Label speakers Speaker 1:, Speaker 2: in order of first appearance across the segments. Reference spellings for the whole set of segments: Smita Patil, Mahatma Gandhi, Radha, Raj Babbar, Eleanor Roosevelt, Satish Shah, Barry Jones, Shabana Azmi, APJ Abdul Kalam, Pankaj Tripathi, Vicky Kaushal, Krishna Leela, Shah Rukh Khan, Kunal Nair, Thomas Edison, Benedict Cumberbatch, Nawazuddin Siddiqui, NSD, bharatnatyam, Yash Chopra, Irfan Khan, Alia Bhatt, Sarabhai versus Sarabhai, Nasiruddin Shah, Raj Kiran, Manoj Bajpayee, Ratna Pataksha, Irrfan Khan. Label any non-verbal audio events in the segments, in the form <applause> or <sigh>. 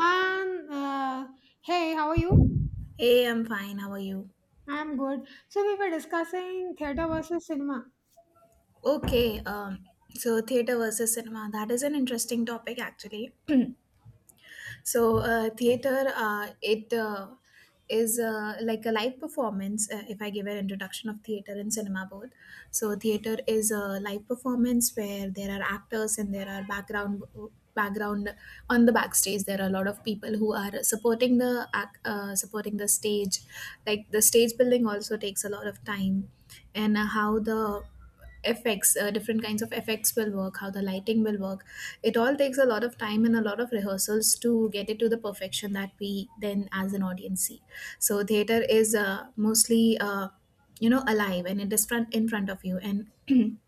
Speaker 1: And hey, how are you?
Speaker 2: Hey, I'm fine. How are you?
Speaker 1: I'm good. So we were discussing theater versus cinema.
Speaker 2: Okay, so theater versus cinema, that is an interesting topic actually. So theater, it is like a live performance. If I give an introduction of theater and cinema both, so theater is a live performance where there are actors and there are background on the backstage. There are a lot of people who are supporting supporting the stage. Like the stage building also takes a lot of time, and how the effects, different kinds of effects will work, how the lighting will work. It all takes a lot of time and a lot of rehearsals to get it to the perfection that we then as an audience see. So theater is mostly, alive, and it is front in front of you, and <clears throat>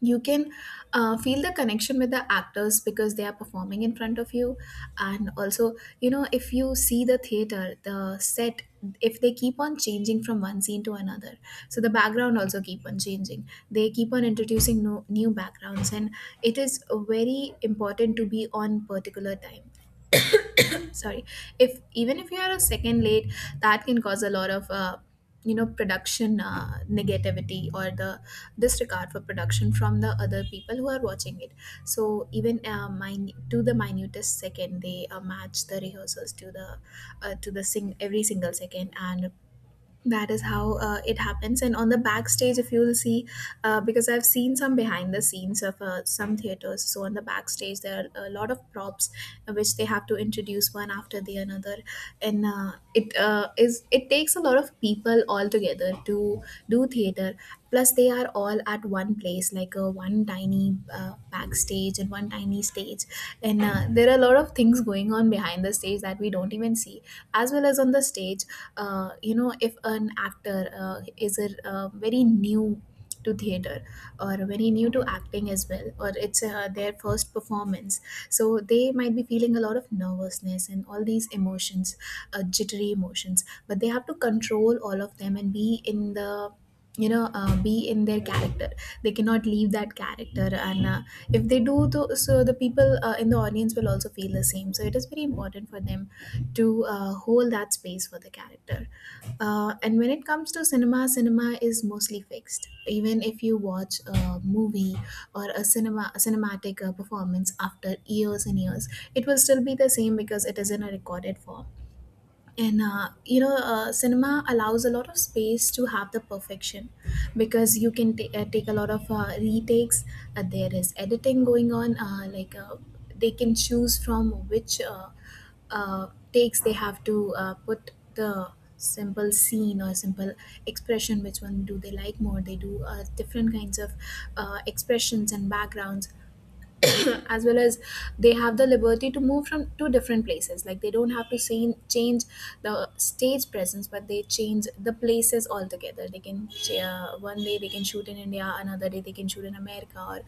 Speaker 2: you can feel the connection with the actors because they are performing in front of you. And also, if you see the theater, the set, if they keep on changing from one scene to another, so the background also keep on changing, they keep on introducing new, new backgrounds. And it is very important to be on particular time. Sorry, if even if you are a second late, that can cause a lot of production, negativity, or the disregard for production from the other people who are watching it. So even to the minutest second they match the rehearsals to the sing every single second. And that is how it happens. And on the backstage, if you'll see, because I've seen some behind the scenes of some theaters, so on the backstage there are a lot of props, which they have to introduce one after the another. And it takes a lot of people all together to do theater. Plus they are all at one place, like a one tiny backstage and one tiny stage. And there are a lot of things going on behind the stage that we don't even see, as well as on the stage. If an actor is a very new to theater, or very new to acting as well, or it's their first performance, so they might be feeling a lot of nervousness and all these emotions, jittery emotions, but they have to control all of them and be in the, be in their character. They cannot leave that character. And if they do so the people in the audience will also feel the same, so it is very important for them to hold that space for the character. And when it comes to cinema, cinema is mostly fixed. Even if you watch a movie or a cinema, a cinematic performance after years and years, it will still be the same because it is in a recorded form. And you know Cinema allows a lot of space to have the perfection because you can take a lot of retakes. There is editing going on, they can choose from which uh, takes they have to put the simple scene or simple expression, which one do they like more. They do different kinds of expressions and backgrounds <coughs> <clears throat> as well as, they have the liberty to move from two different places. Like they don't have to same, change the stage presence, but they change the places altogether. They can one day they can shoot in India, another day they can shoot in America or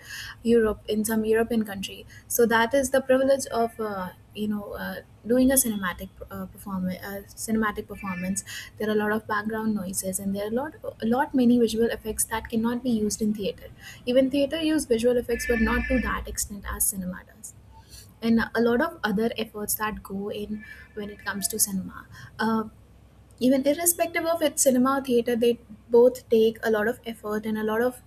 Speaker 2: Europe, in some European country. So that is the privilege of doing a cinematic performance. There are a lot of background noises, and there are a lot many visual effects that cannot be used in theater. Even theater use visual effects, but not to that extent as cinema does, and a lot of other efforts that go in when it comes to cinema. uh, Even irrespective of its cinema or theater, they both take a lot of effort and a lot of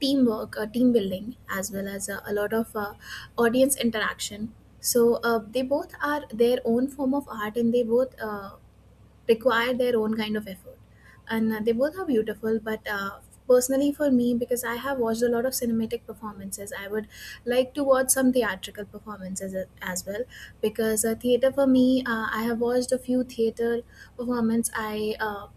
Speaker 2: teamwork, team building, as well as a lot of audience interaction. So they both are their own form of art, and they both require their own kind of effort. And they both are beautiful, but personally for me, because I have watched a lot of cinematic performances, I would like to watch some theatrical performances as well. Because theater for me, I have watched a few theater performance. I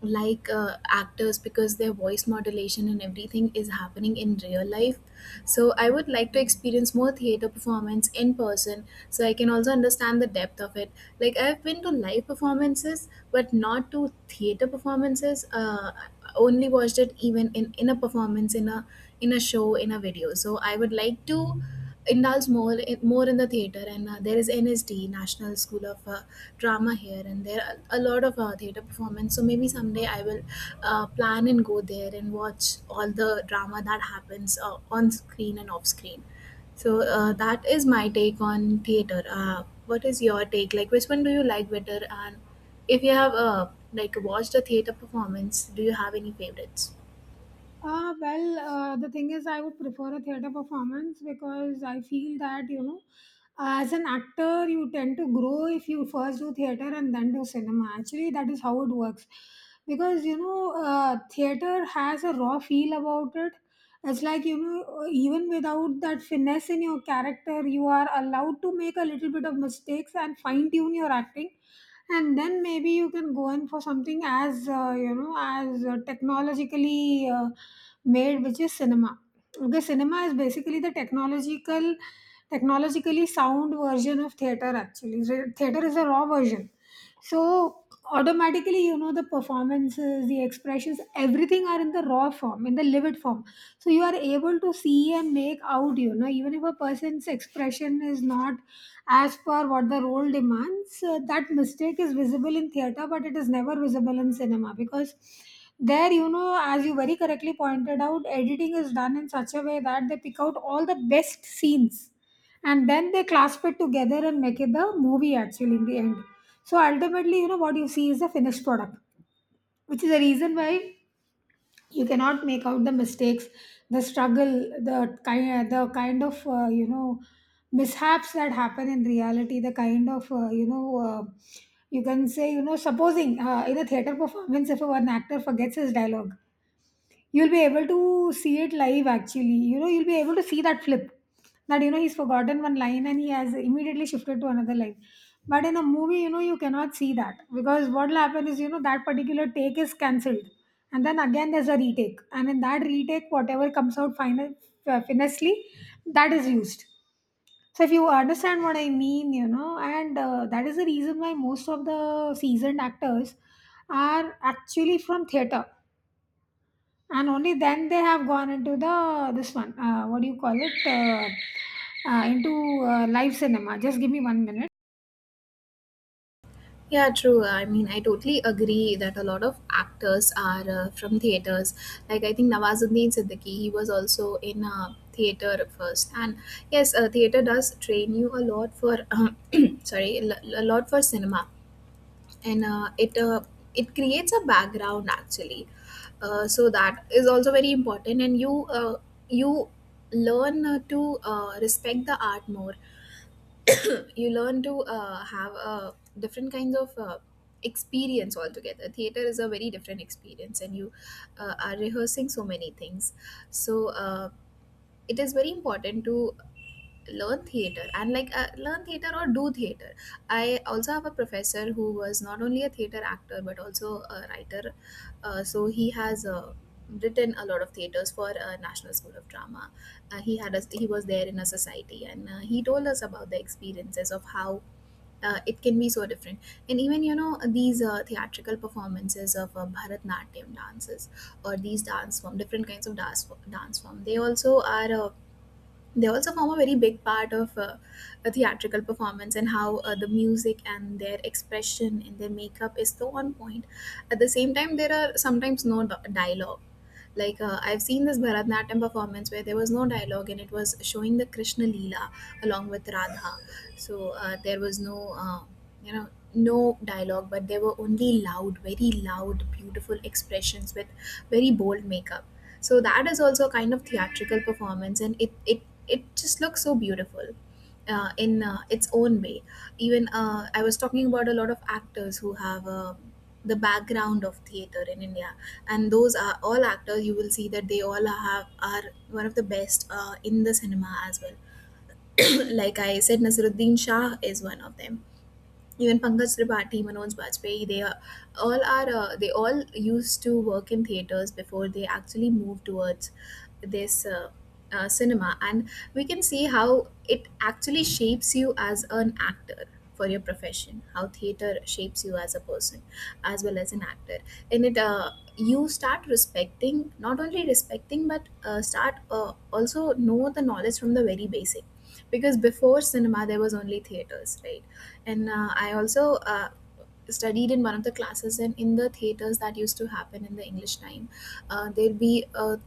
Speaker 2: like actors because their voice modulation and everything is happening in real life. So I would like to experience more theater performance in person, so I can also understand the depth of it. Like I've been to live performances, but not to theater performances. I only watched it, even in a performance in a, in a show, in a video. So I would like to indulge more in the theater. And there is NSD, National School of Drama here, and there are a lot of theater performance. So maybe someday I will plan and go there and watch all the drama that happens on screen and off screen. So that is my take on theater. What is your take, like which one do you like better? And if you have like watched a theater performance, do you have any favorites?
Speaker 1: The thing is, I would prefer a theater performance because I feel that, you know, as an actor, you tend to grow if you first do theater and then do cinema. Actually, that is how it works. Because, you know, theater has a raw feel about it. It's like, you know, even without that finesse in your character, you are allowed to make a little bit of mistakes and fine tune your acting, and then maybe you can go in for something as you know, as technologically made, which is cinema. Okay, cinema is basically the technologically sound version of theater, actually. Theater is a raw version. So automatically, you know, the performances, the expressions, everything are in the raw form, in the livid form, so you are able to see and make out, you know, even if a person's expression is not as per what the role demands, that mistake is visible in theater, but it is never visible in cinema, because there, you know, as you very correctly pointed out, editing is done in such a way that they pick out all the best scenes and then they clasp it together and make it the movie, actually, in the end. So ultimately, you know, what you see is the finished product, which is the reason why you cannot make out the mistakes, the struggle, the kind of you know, mishaps that happen in reality, the kind of you know, you can say, you know, supposing in a theater performance, if one actor forgets his dialogue, you'll be able to see it live, actually. You know, you'll be able to see that flip. That, you know, he's forgotten one line and he has immediately shifted to another line. But in a movie, you know, you cannot see that, because what'll happen is, you know, that particular take is cancelled. And then again there's a retake. And in that retake, whatever comes out final, finessely, that is used. So if you understand what I mean, you know, and that is the reason why most of the seasoned actors are actually from theater, and only then they have gone into the this one what do you call it, into live cinema. Just give me one minute.
Speaker 2: Yeah, true. I mean, I totally agree that a lot of actors are from theaters. Like, I think Nawazuddin Siddiqui, he was also in theater first. And yes, theater does train you a lot for, <clears throat> sorry, a lot for cinema. And uh, it, uh, it creates a background actually. So that is also very important. And you learn to respect the art more. You learn to have a different kinds of experience altogether. Theater is a very different experience, and you are rehearsing so many things. So it is very important to learn theater, and like learn theater or do theater. I also have a professor who was not only a theater actor but also a writer. So he has written a lot of theaters for National School of Drama. He had us he was there in a society, and he told us about the experiences of how it can be so different. And even you know, these theatrical performances of Bharatnatyam dances, or these dance form, different kinds of dance form, they also are they also form a very big part of a theatrical performance. And how the music and their expression and their makeup is so on point. At the same time, there are sometimes no dialogue. Like I've seen this Bharatanatyam performance where there was no dialogue, and it was showing the Krishna Leela along with Radha. So there was no, you know, no dialogue, but there were only loud, very loud, beautiful expressions with very bold makeup. So that is also a kind of theatrical performance, and it just looks so beautiful in its own way. Even I was talking about a lot of actors who have the background of theater in India, and those are all actors, you will see that they all have are one of the best in the cinema as well. <clears throat> Like I said, Nasruddin Shah is one of them. Even Pankaj Tripathi, Manoj Bajpayee, they all used to work in theaters before they actually moved towards this, cinema. And we can see how it actually shapes you as an actor for your profession. How theater shapes you as a person, as well as an actor, and it. You start respecting, not only respecting, but start also know the knowledge from the very basic because before cinema there was only theaters, right? And I also studied in one of the classes and in the theaters that used to happen in the English time. uh, there'll be a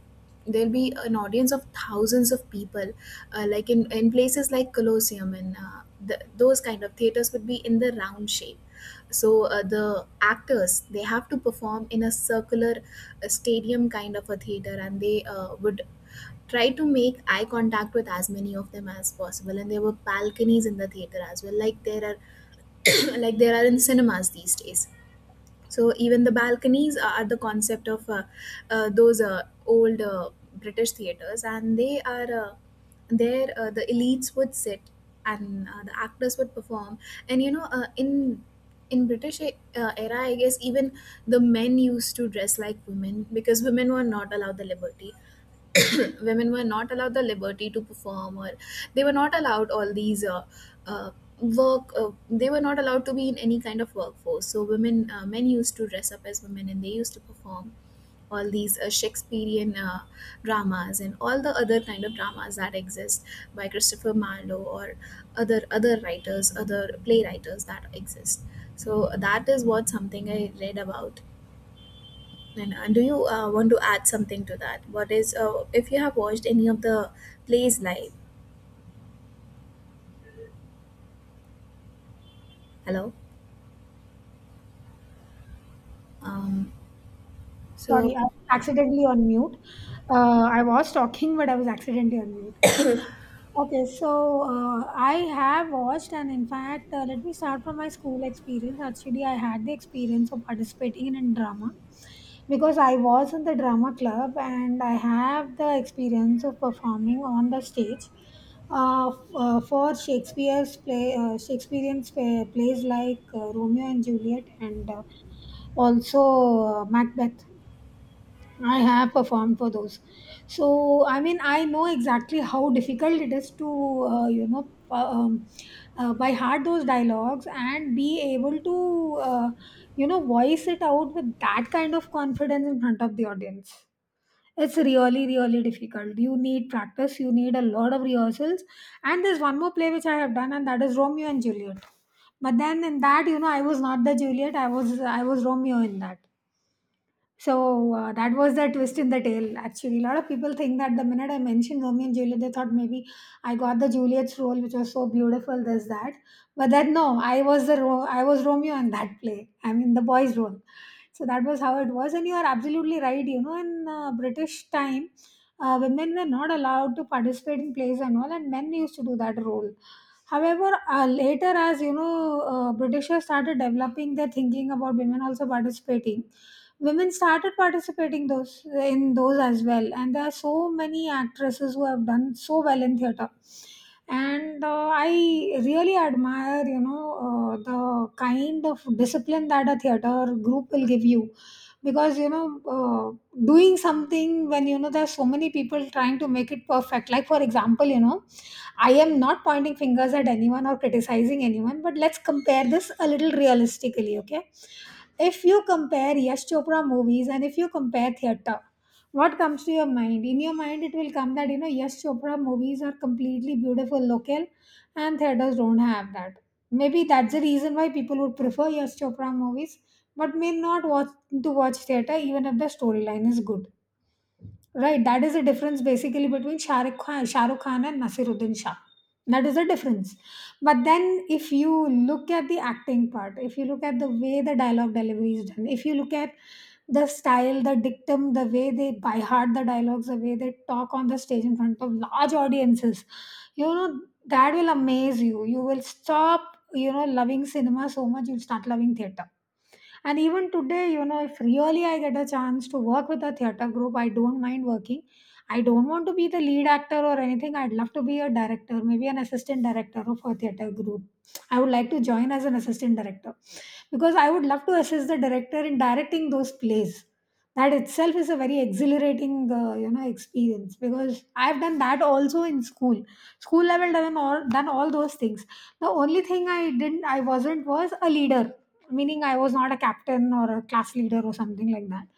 Speaker 2: There'll be an audience of thousands of people, like in places like Colosseum, and those kind of theaters would be in the round shape. So the actors, they have to perform in a circular stadium kind of a theater, and they would try to make eye contact with as many of them as possible. And there were balconies in the theater as well, like there are <coughs> <clears throat> like there are in cinemas these days. So even the balconies are the concept of those old British theaters, and they are there. The elites would sit, and the actors would perform. And in British era, I guess, even the men used to dress like women, because women were not allowed the liberty. <coughs> <clears throat> Women were not allowed the liberty to perform, or they were not allowed all these uh, work. They were not allowed to be in any kind of workforce. So women men used to dress up as women and they used to perform all these Shakespearean dramas, and all the other kind of dramas that exist by Christopher Marlowe or other writers, other playwriters that exist. So that is what something I read about. And do you want to add something to that? What is If you have watched any of the plays live? Hello. Um,
Speaker 1: Sorry,
Speaker 2: so
Speaker 1: I was accidentally on mute. I was talking, but I was accidentally on mute. Okay, so I have watched, and in fact, let me start from my school experience. Actually, I had the experience of participating in drama because I was in the drama club, and I have the experience of performing on the stage for Shakespeare's play, Shakespearean plays like Romeo and Juliet, and also Macbeth. I have performed for those. So, I mean, I know exactly how difficult it is to, you know, by heart those dialogues and be able to, you know, voice it out with that kind of confidence in front of the audience. It's really, really difficult. You need practice, you need a lot of rehearsals. And there's one more play which I have done, and that is Romeo and Juliet. But then in that, you know, I was not the Juliet, I was Romeo in that, so, that was the twist in the tale, actually. A lot of people think that the minute I mentioned Romeo and Juliet, they thought maybe I got the Juliet's role, which was so beautiful, this, that. But then no, I was Romeo in that play. I mean, the boy's role. So that was how it was, and you are absolutely right. You know, in British time, women were not allowed to participate in plays and all, and men used to do that role. However, later, as you know, Britishers started developing their thinking about women also participating women started participating those in those as well, and there are so many actresses who have done so well in theater. And I really admire, you know, the kind of discipline that a theater group will give you, because you know, uh, doing something when you know there's so many people trying to make it perfect, like for example, you know, I am not pointing fingers at anyone or criticizing anyone, but let's compare this a little realistically. Okay, if you compare Yash Chopra movies and if you compare theater, what comes to your mind? In your mind, it will come that, you know, Yash Chopra movies are completely beautiful local, and theaters don't have that. Maybe that's the reason why people would prefer Yash Chopra movies, but may not watch to watch theater even if the storyline is good. Right, that is the difference basically between Shah Rukh Khan and Nasiruddin Shah. That is the difference. But then, if you look at the acting part, if you look at the way the dialogue delivery is done, if you look at the style, the dictum, the way they by heart the dialogues, the way they talk on the stage in front of large audiences, you know, that will amaze you. You will stop, you know, loving cinema so much, you'll start loving theatre. And even today, you know, if really I get a chance to work with a theater group, I don't mind working. I don't want to be the lead actor or anything. I'd love to be a director, maybe an assistant director of a theater group. I would like to join as an assistant director because I would love to assist the director in directing those plays. That itself is a very exhilarating, you know, experience, because I've done that also in school. School level done all those things. The only thing I didn't, I wasn't, was a leader, meaning I was not a captain or a class leader or something like that.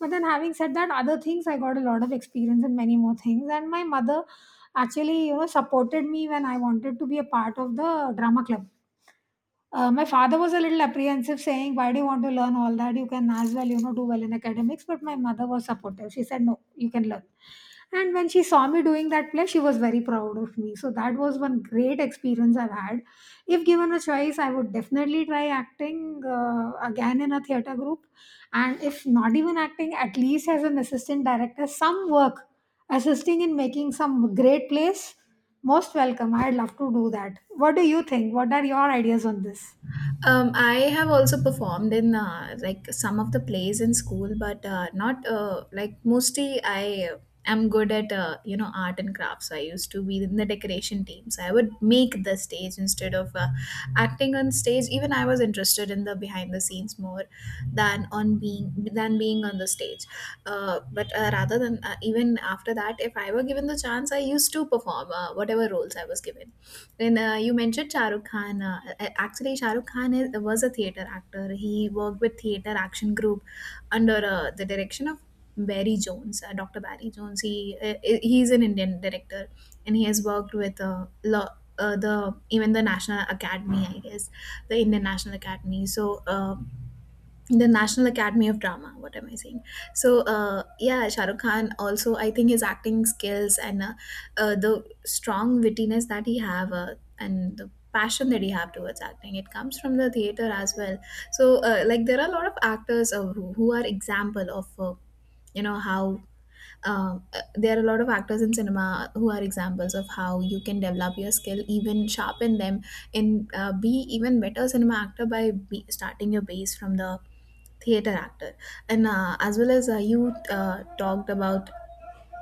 Speaker 1: But then, having said that, other things, I got a lot of experience in many more things, and my mother actually, you know, supported me when I wanted to be a part of the drama club. My father was a little apprehensive, saying, "Why do you want to learn all that? You can as well, you know, do well in academics." But my mother was supportive. She said, "No, you can learn." And when she saw me doing that play, she was very proud of me. So that was one great experience I've had. If given a choice, I would definitely try acting again in a theater group, and if not even acting, at least as an assistant director, some work assisting in making some great plays. Most welcome. I'd love to do that. What do you think? What are your ideas on this?
Speaker 2: I have also performed in like some of the plays in school, but not like mostly I am good at art and crafts. I used to be in the decoration team, so I would make the stage instead of acting on stage. Even I was interested in the behind the scenes more than being on the stage. But rather than even after that, if I were given the chance, I used to perform whatever roles I was given. And you mentioned Shah Rukh Khan. Actually, Shah Rukh Khan was a theater actor. He worked with Theater Action Group under the direction of Barry Jones, Dr. Barry Jones. He's an Indian director, and he has worked with lo- the even the National Academy, I guess, the Indian National Academy. So the National Academy of Drama. What am I saying? So, yeah, Shah Rukh Khan also, I think his acting skills and the strong wittiness that he have, and the passion that he have towards acting, it comes from the theater as well. So, like there are a lot of actors, who are example of you know how there are a lot of actors in cinema who are examples of how you can develop your skill, even sharpen them, and be even better cinema actor by be starting your base from the theater actor. And as well as you talked about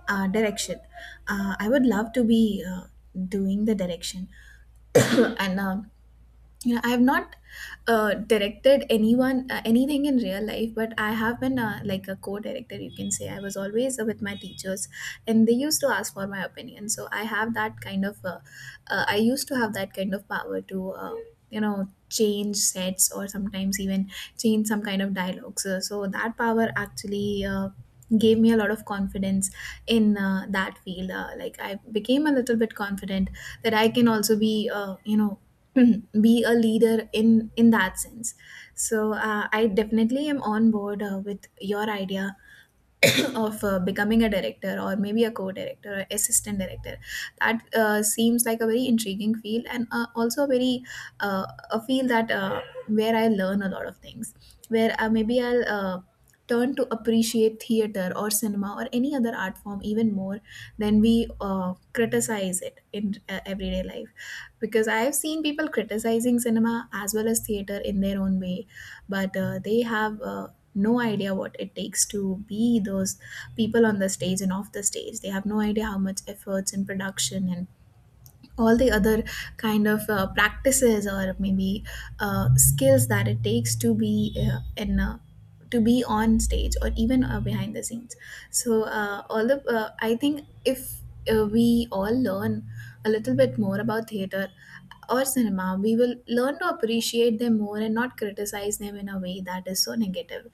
Speaker 2: direction, I would love to be doing the direction. <coughs> And yeah, I have not directed anyone anything in real life, but I have been like a co-director, you can say. I was always with my teachers, and they used to ask for my opinion. So I used to have that kind of power to you know, change sets, or sometimes even change some kind of dialogues, so that power actually gave me a lot of confidence in that field. Like I became a little bit confident that I can also be <clears throat> be a leader in that sense. So I definitely am on board with your idea <coughs> <clears throat> of becoming a director, or maybe a co-director or assistant director. That seems like a very intriguing field, and also uh, a field that where I learn a lot of things, where maybe I'll turn to appreciate theater or cinema or any other art form even more than we criticize it in everyday life, because I have seen people criticizing cinema as well as theater in their own way. But they have no idea what it takes to be those people on the stage and off the stage. They have no idea how much efforts and production and all the other kind of practices, or maybe skills that it takes to be on stage, or even behind the scenes. So all the I think if we all learn a little bit more about theater or cinema, we will learn to appreciate them more and not criticize them in a way that is so negative.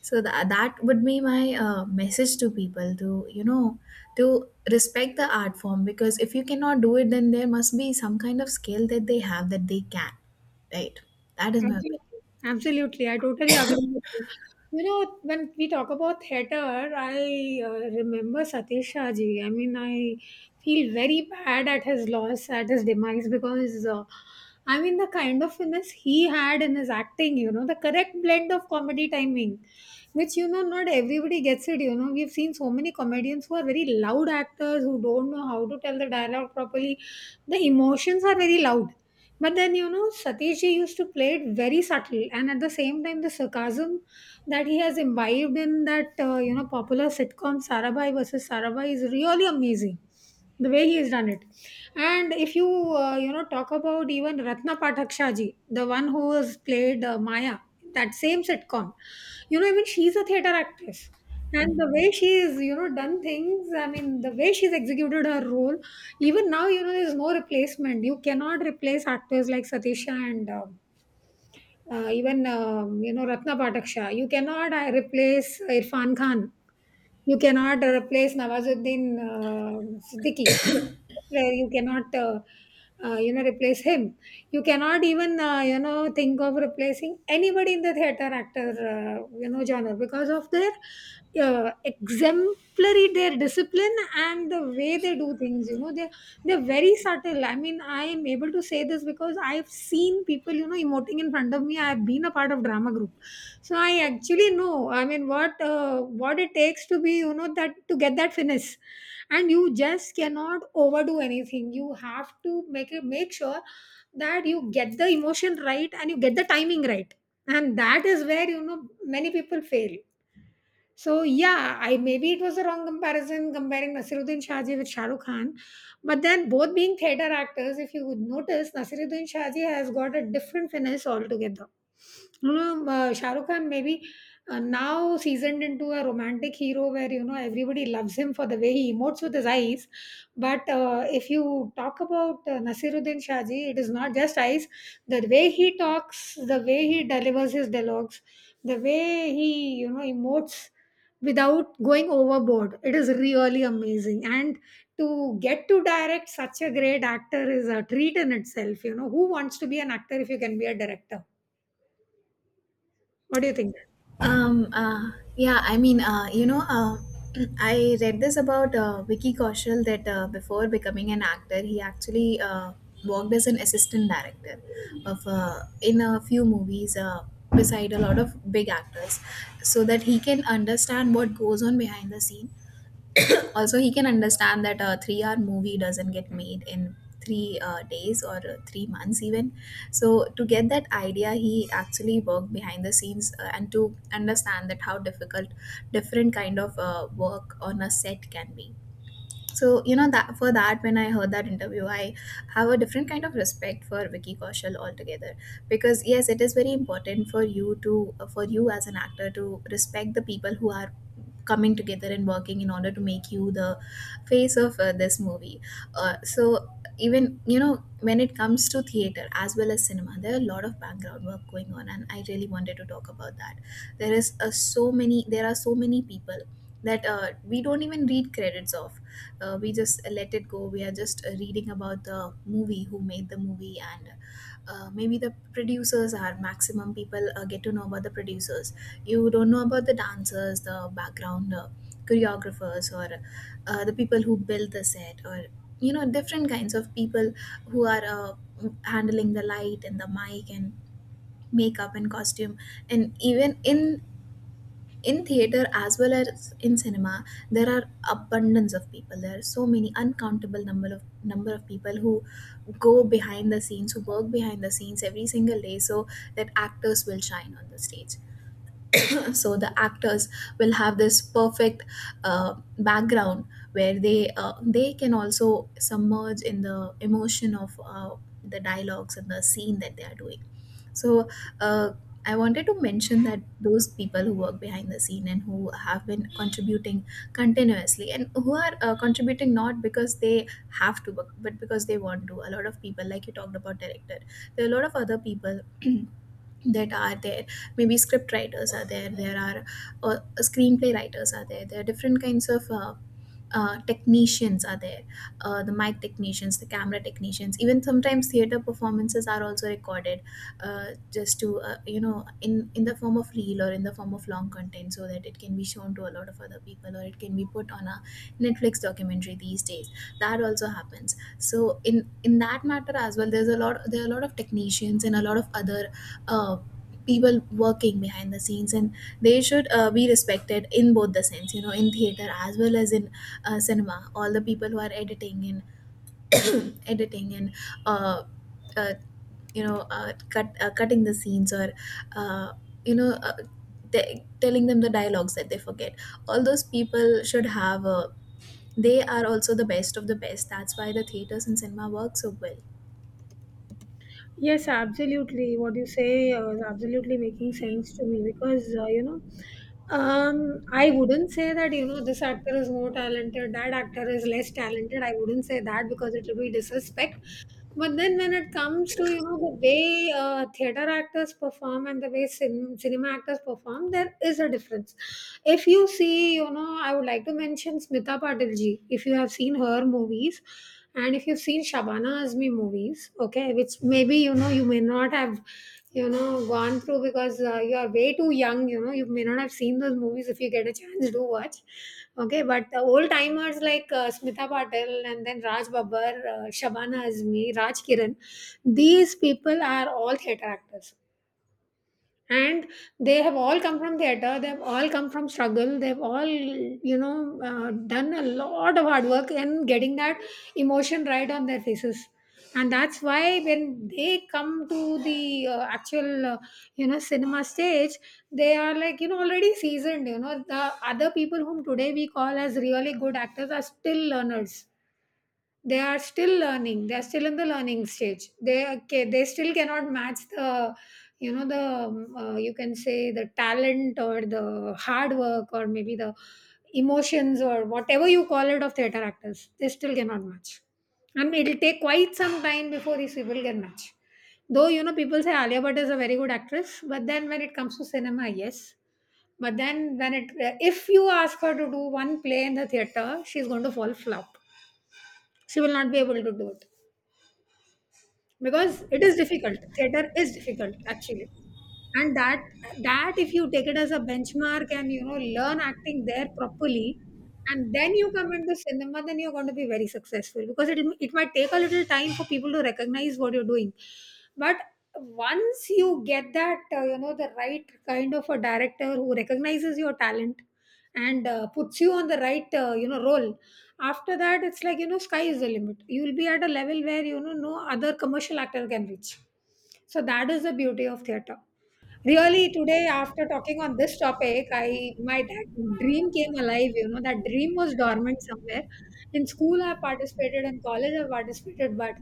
Speaker 2: So that would be my message to people, to you know to respect the art form, because if you cannot do it, then there must be some kind of skill that they have that they can, right? That is my opinion.
Speaker 1: Absolutely. Absolutely. I totally agree with you. You know, when we talk about theater, I remember Satish Shah ji. I mean, I feel very bad at his loss, at his demise, because I mean, the kind of finesse he had in his acting, you know, the correct blend of comedy timing, which, you know, not everybody gets it. You know, we've seen so many comedians who are very loud actors who don't know how to tell the dialogue properly. The emotions are very loud, but then, you know, Satish Ji used to play it very subtle, and at the same time, the sarcasm that he has imbibed in that, you know, popular sitcom Sarabhai versus Sarabhai is really amazing. The way he has done it, and if you you know, talk about even Ratna Pataksha ji, the one who has played Maya, in that same sitcom, you know, even she's a theater actress, and the way she's, you know, done things, I mean the way she's executed her role, even now, you know, there's no replacement. You cannot replace actors like Satisha and even, you know, Ratna Pataksha. You cannot replace Irfan Khan. You cannot replace Nawazuddin Siddiqui. Where you cannot, you know, replace him. You cannot even, you know, think of replacing anybody in the theater actor, you know, genre because of their exemplary, their discipline and the way they do things. You know, they're very subtle. I mean, I am able to say this because I've seen people, you know, emoting in front of me. I've been a part of drama group, so I actually know, I mean, what it takes to be, you know, that, to get that finish. And you just cannot overdo anything. You have to make it make sure that you get the emotion right and you get the timing right. And that is where, you know, many people fail. So yeah, I maybe it was a wrong comparison, comparing Nasiruddin Shahji with Shah Rukh Khan, but then both being theater actors, if you would notice, Nasiruddin Shahji has got a different finesse altogether. You know, Shah Rukh Khan maybe now seasoned into a romantic hero where, you know, everybody loves him for the way he emotes with his eyes. But if you talk about Nasiruddin Shahji, it is not just eyes. The way he talks, the way he delivers his dialogues, the way he, you know, emotes without going overboard. It is really amazing. And to get to direct such a great actor is a treat in itself. You know, who wants to be an actor if you can be a director? What do you think?
Speaker 2: Yeah, I mean, <clears throat> I read this about Vicky Kaushal, that before becoming an actor, he actually worked as an assistant director of in a few movies beside a lot of big actors, so that he can understand what goes on behind the scene. Also, he can understand that a 3-hour movie doesn't get made in three days, or 3 months even. So to get that idea, he actually worked behind the scenes, and to understand that how difficult different kind of work on a set can be. So that for that, when I heard that interview, I have a different kind of respect for Vicky Kaushal altogether, because yes, it is very important for you as an actor to respect the people who are coming together and working in order to make you the face of this movie. So, even when it comes to theater as well as cinema, there are a lot of background work going on, and I really wanted to talk about that. There are so many people that we don't even read credits of. We just let it go. We are just reading about the movie, who made the movie, and maybe the producers are maximum, people get to know about the producers. You don't know about the dancers, the background choreographers, or the people who build the set, or different kinds of people who are handling the light and the mic and makeup and costume. And even in theater as well as in cinema, there are abundance of people. There are so many uncountable number of people who go behind the scenes, who work behind the scenes every single day, so that actors will shine on the stage. <laughs> So the actors will have this perfect background where they can also submerge in the emotion of the dialogues and the scene that they are doing. So uh, I wanted to mention that those people who work behind the scene, and who have been contributing continuously, and who are contributing not because they have to, but because they want to. A lot of people, like you talked about director, there are a lot of other people <clears throat> that are there. Maybe script writers are there, there are screenplay writers are there, there are different kinds of technicians are there, the mic technicians, the camera technicians. Even sometimes theater performances are also recorded, uh, just to in the form of reel or in the form of long content, so that it can be shown to a lot of other people, or it can be put on a Netflix documentary these days. That also happens. So in that matter as well, there are a lot of technicians and a lot of other uh, people working behind the scenes. And they should be respected in both the sense, in theater as well as in cinema. All the people who are editing and <coughs> <clears throat> editing and uh, uh, cutting the scenes, or uh, you know uh, telling them the dialogues that they forget, all those people should have a they are also the best of the best. That's why the theaters and cinema work so well.
Speaker 1: Yes, absolutely. What you say is absolutely making sense to me because, you know, I wouldn't say that, you know, this actor is more talented, that actor is less talented. I wouldn't say that because it will be disrespect. But then when it comes to, you know, the way theater actors perform and the way cinema actors perform, there is a difference. If you see, you know, I would like to mention Smita Patil ji. If you have seen her movies, and if you've seen Shabana Azmi movies, okay, which maybe, you know, you may not have, you know, gone through because you are way too young. You know, you may not have seen those movies. If you get a chance, do watch. Okay, but the old timers like Smita Patel and then Raj Babbar, Shabana Azmi, Raj Kiran, these people are all theatre actors, and they have all come from theater. They've all come from struggle. They've all, you know, done a lot of hard work and getting that emotion right on their faces. And that's why when they come to the actual, you know, cinema stage, they are like, you know, already seasoned. You know, the other people whom today we call as really good actors are still learners. They are still learning. They are still in the learning stage. They, okay, they still cannot match the, you know, the you can say the talent or the hard work or maybe the emotions or whatever you call it of theater actors. They still cannot match, and it'll take quite some time before these people can match. Though, you know, people say Alia Bhatt is a very good actress, but then when it comes to cinema, yes, but then when it, if you ask her to do one play in the theater, she's going to fall flop. She will not be able to do it because it is difficult. Theater is difficult, actually. And that if you take it as a benchmark and, you know, learn acting there properly, and then you come into cinema, then you're going to be very successful because it might take a little time for people to recognize what you're doing. But once you get that, you know, the right kind of a director who recognizes your talent and puts you on the right you know, role. After that, it's like, you know, sky is the limit. You will be at a level where, you know, no other commercial actor can reach. So that is the beauty of theater. Really, today after talking on this topic, I my that dream came alive. You know, that dream was dormant somewhere. In school I participated, in college I participated, but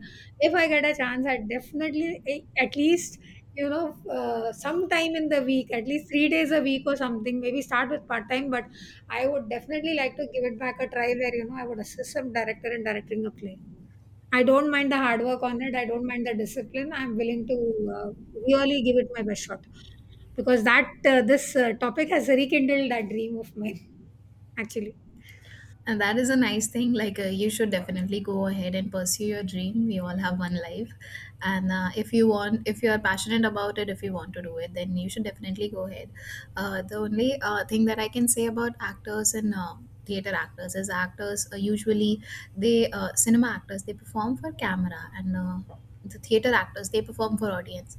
Speaker 1: if I get a chance, I definitely at least, you know, sometime in the week, at least 3 days a week or something, maybe start with part time, but I would definitely like to give it back a try where, you know, I would assist some director in directing a play. I don't mind the hard work on it. I don't mind the discipline. I'm willing to uh, really give it my best shot, because that this topic has rekindled that dream of mine, actually.
Speaker 2: And that is a nice thing. Like, you should definitely go ahead and pursue your dream. We all have one life. And if you want, if you are passionate about it, if you want to do it, then you should definitely go ahead. The only thing that I can say about actors and theater actors is actors usually, cinema actors, they perform for camera and the theater actors, they perform for audience,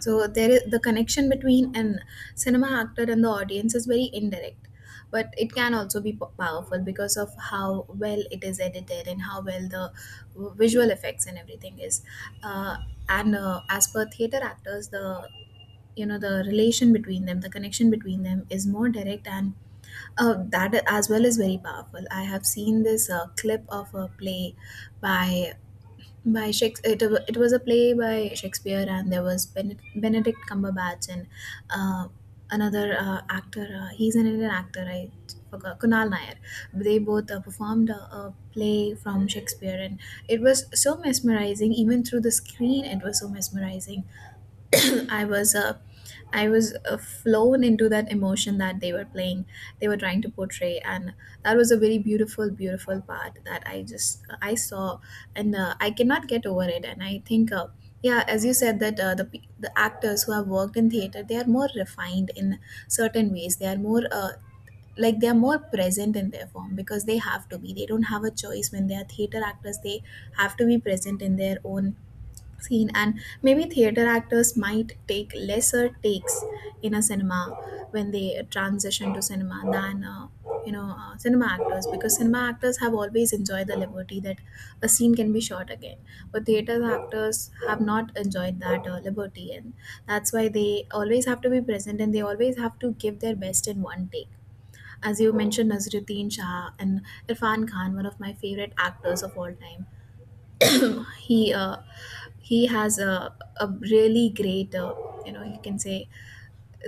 Speaker 2: so there is the connection between an cinema actor and the audience is very indirect, but it can also be powerful because of how well it is edited and how well the visual effects and everything is. Uh, and As per theater actors, the the relation between them, the connection between them is more direct, and that as well is very powerful. I have seen this clip of a play by Shakespeare. It was a play by Shakespeare, and there was Benedict Cumberbatch and uh, another actor. He's an Indian actor. I forgot Kunal Nair. They both performed a play from Shakespeare, and it was so mesmerizing. Even through the screen, it was so mesmerizing. <coughs> <clears throat> I was uh, I was flown into that emotion that they were playing, they were trying to portray, and that was a very beautiful, beautiful part that I saw, and I cannot get over it. And I think, yeah, as you said that the the actors who have worked in theater, they are more refined in certain ways. They are more like they are more present in their form because they have to be. They don't have a choice when they are theater actors. They have to be present in their own scene, and maybe theater actors might take lesser takes in a cinema when they transition to cinema than cinema actors, because cinema actors have always enjoyed the liberty that a scene can be shot again, but theater actors have not enjoyed that liberty, and that's why they always have to be present and they always have to give their best in one take. As you mentioned Nazruddin Shah and Irfan Khan, one of my favorite actors of all time, him he has a really great you can say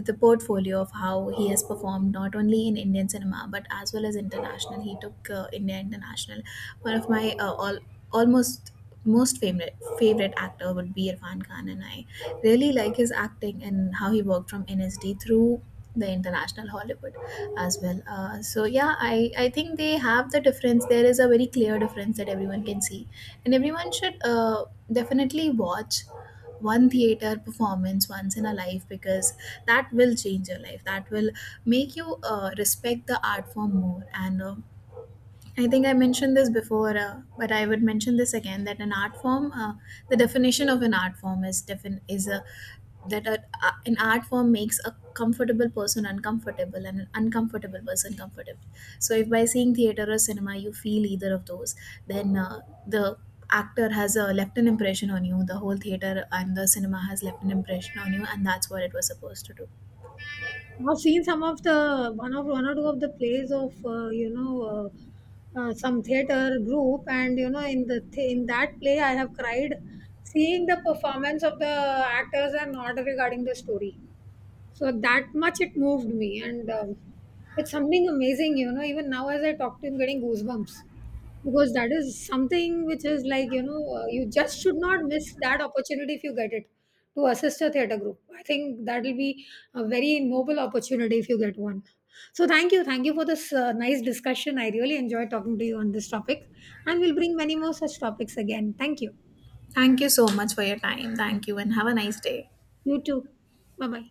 Speaker 2: the portfolio of how he has performed not only in Indian cinema but as well as international. He took India international. One of my almost most favorite actor would be Irfan Khan, and I really like his acting and how he worked from NSD through the international Hollywood as well. So yeah, I think they have the difference. There is a very clear difference that everyone can see, and everyone should definitely watch one theater performance once in a life, because that will change your life, that will make you respect the art form more. And I think I mentioned this before, but I would mention this again, that an art form, the definition of an art form is defin- is a that a- an art form makes a comfortable person uncomfortable and an uncomfortable person comfortable. So if by seeing theater or cinema you feel either of those, then the actor has left an impression on you. The whole theater and the cinema has left an impression on you, and that's what it was supposed to do.
Speaker 1: I've seen some of the one of one or two of the plays of you know, some theater group, and, you know, in the in that play I have cried seeing the performance of the actors and not regarding the story. So that much it moved me, and it's something amazing, you know. Even now, as I talk to him, getting goosebumps because that is something which is like, you know, you just should not miss that opportunity if you get it, to assist a theater group. I think that will be a very noble opportunity if you get one. So thank you for this nice discussion. I really enjoyed talking to you on this topic, and we'll bring many more such topics again. Thank you.
Speaker 2: Thank you so much for your time. Thank you, and have a nice day.
Speaker 1: You too. Bye bye.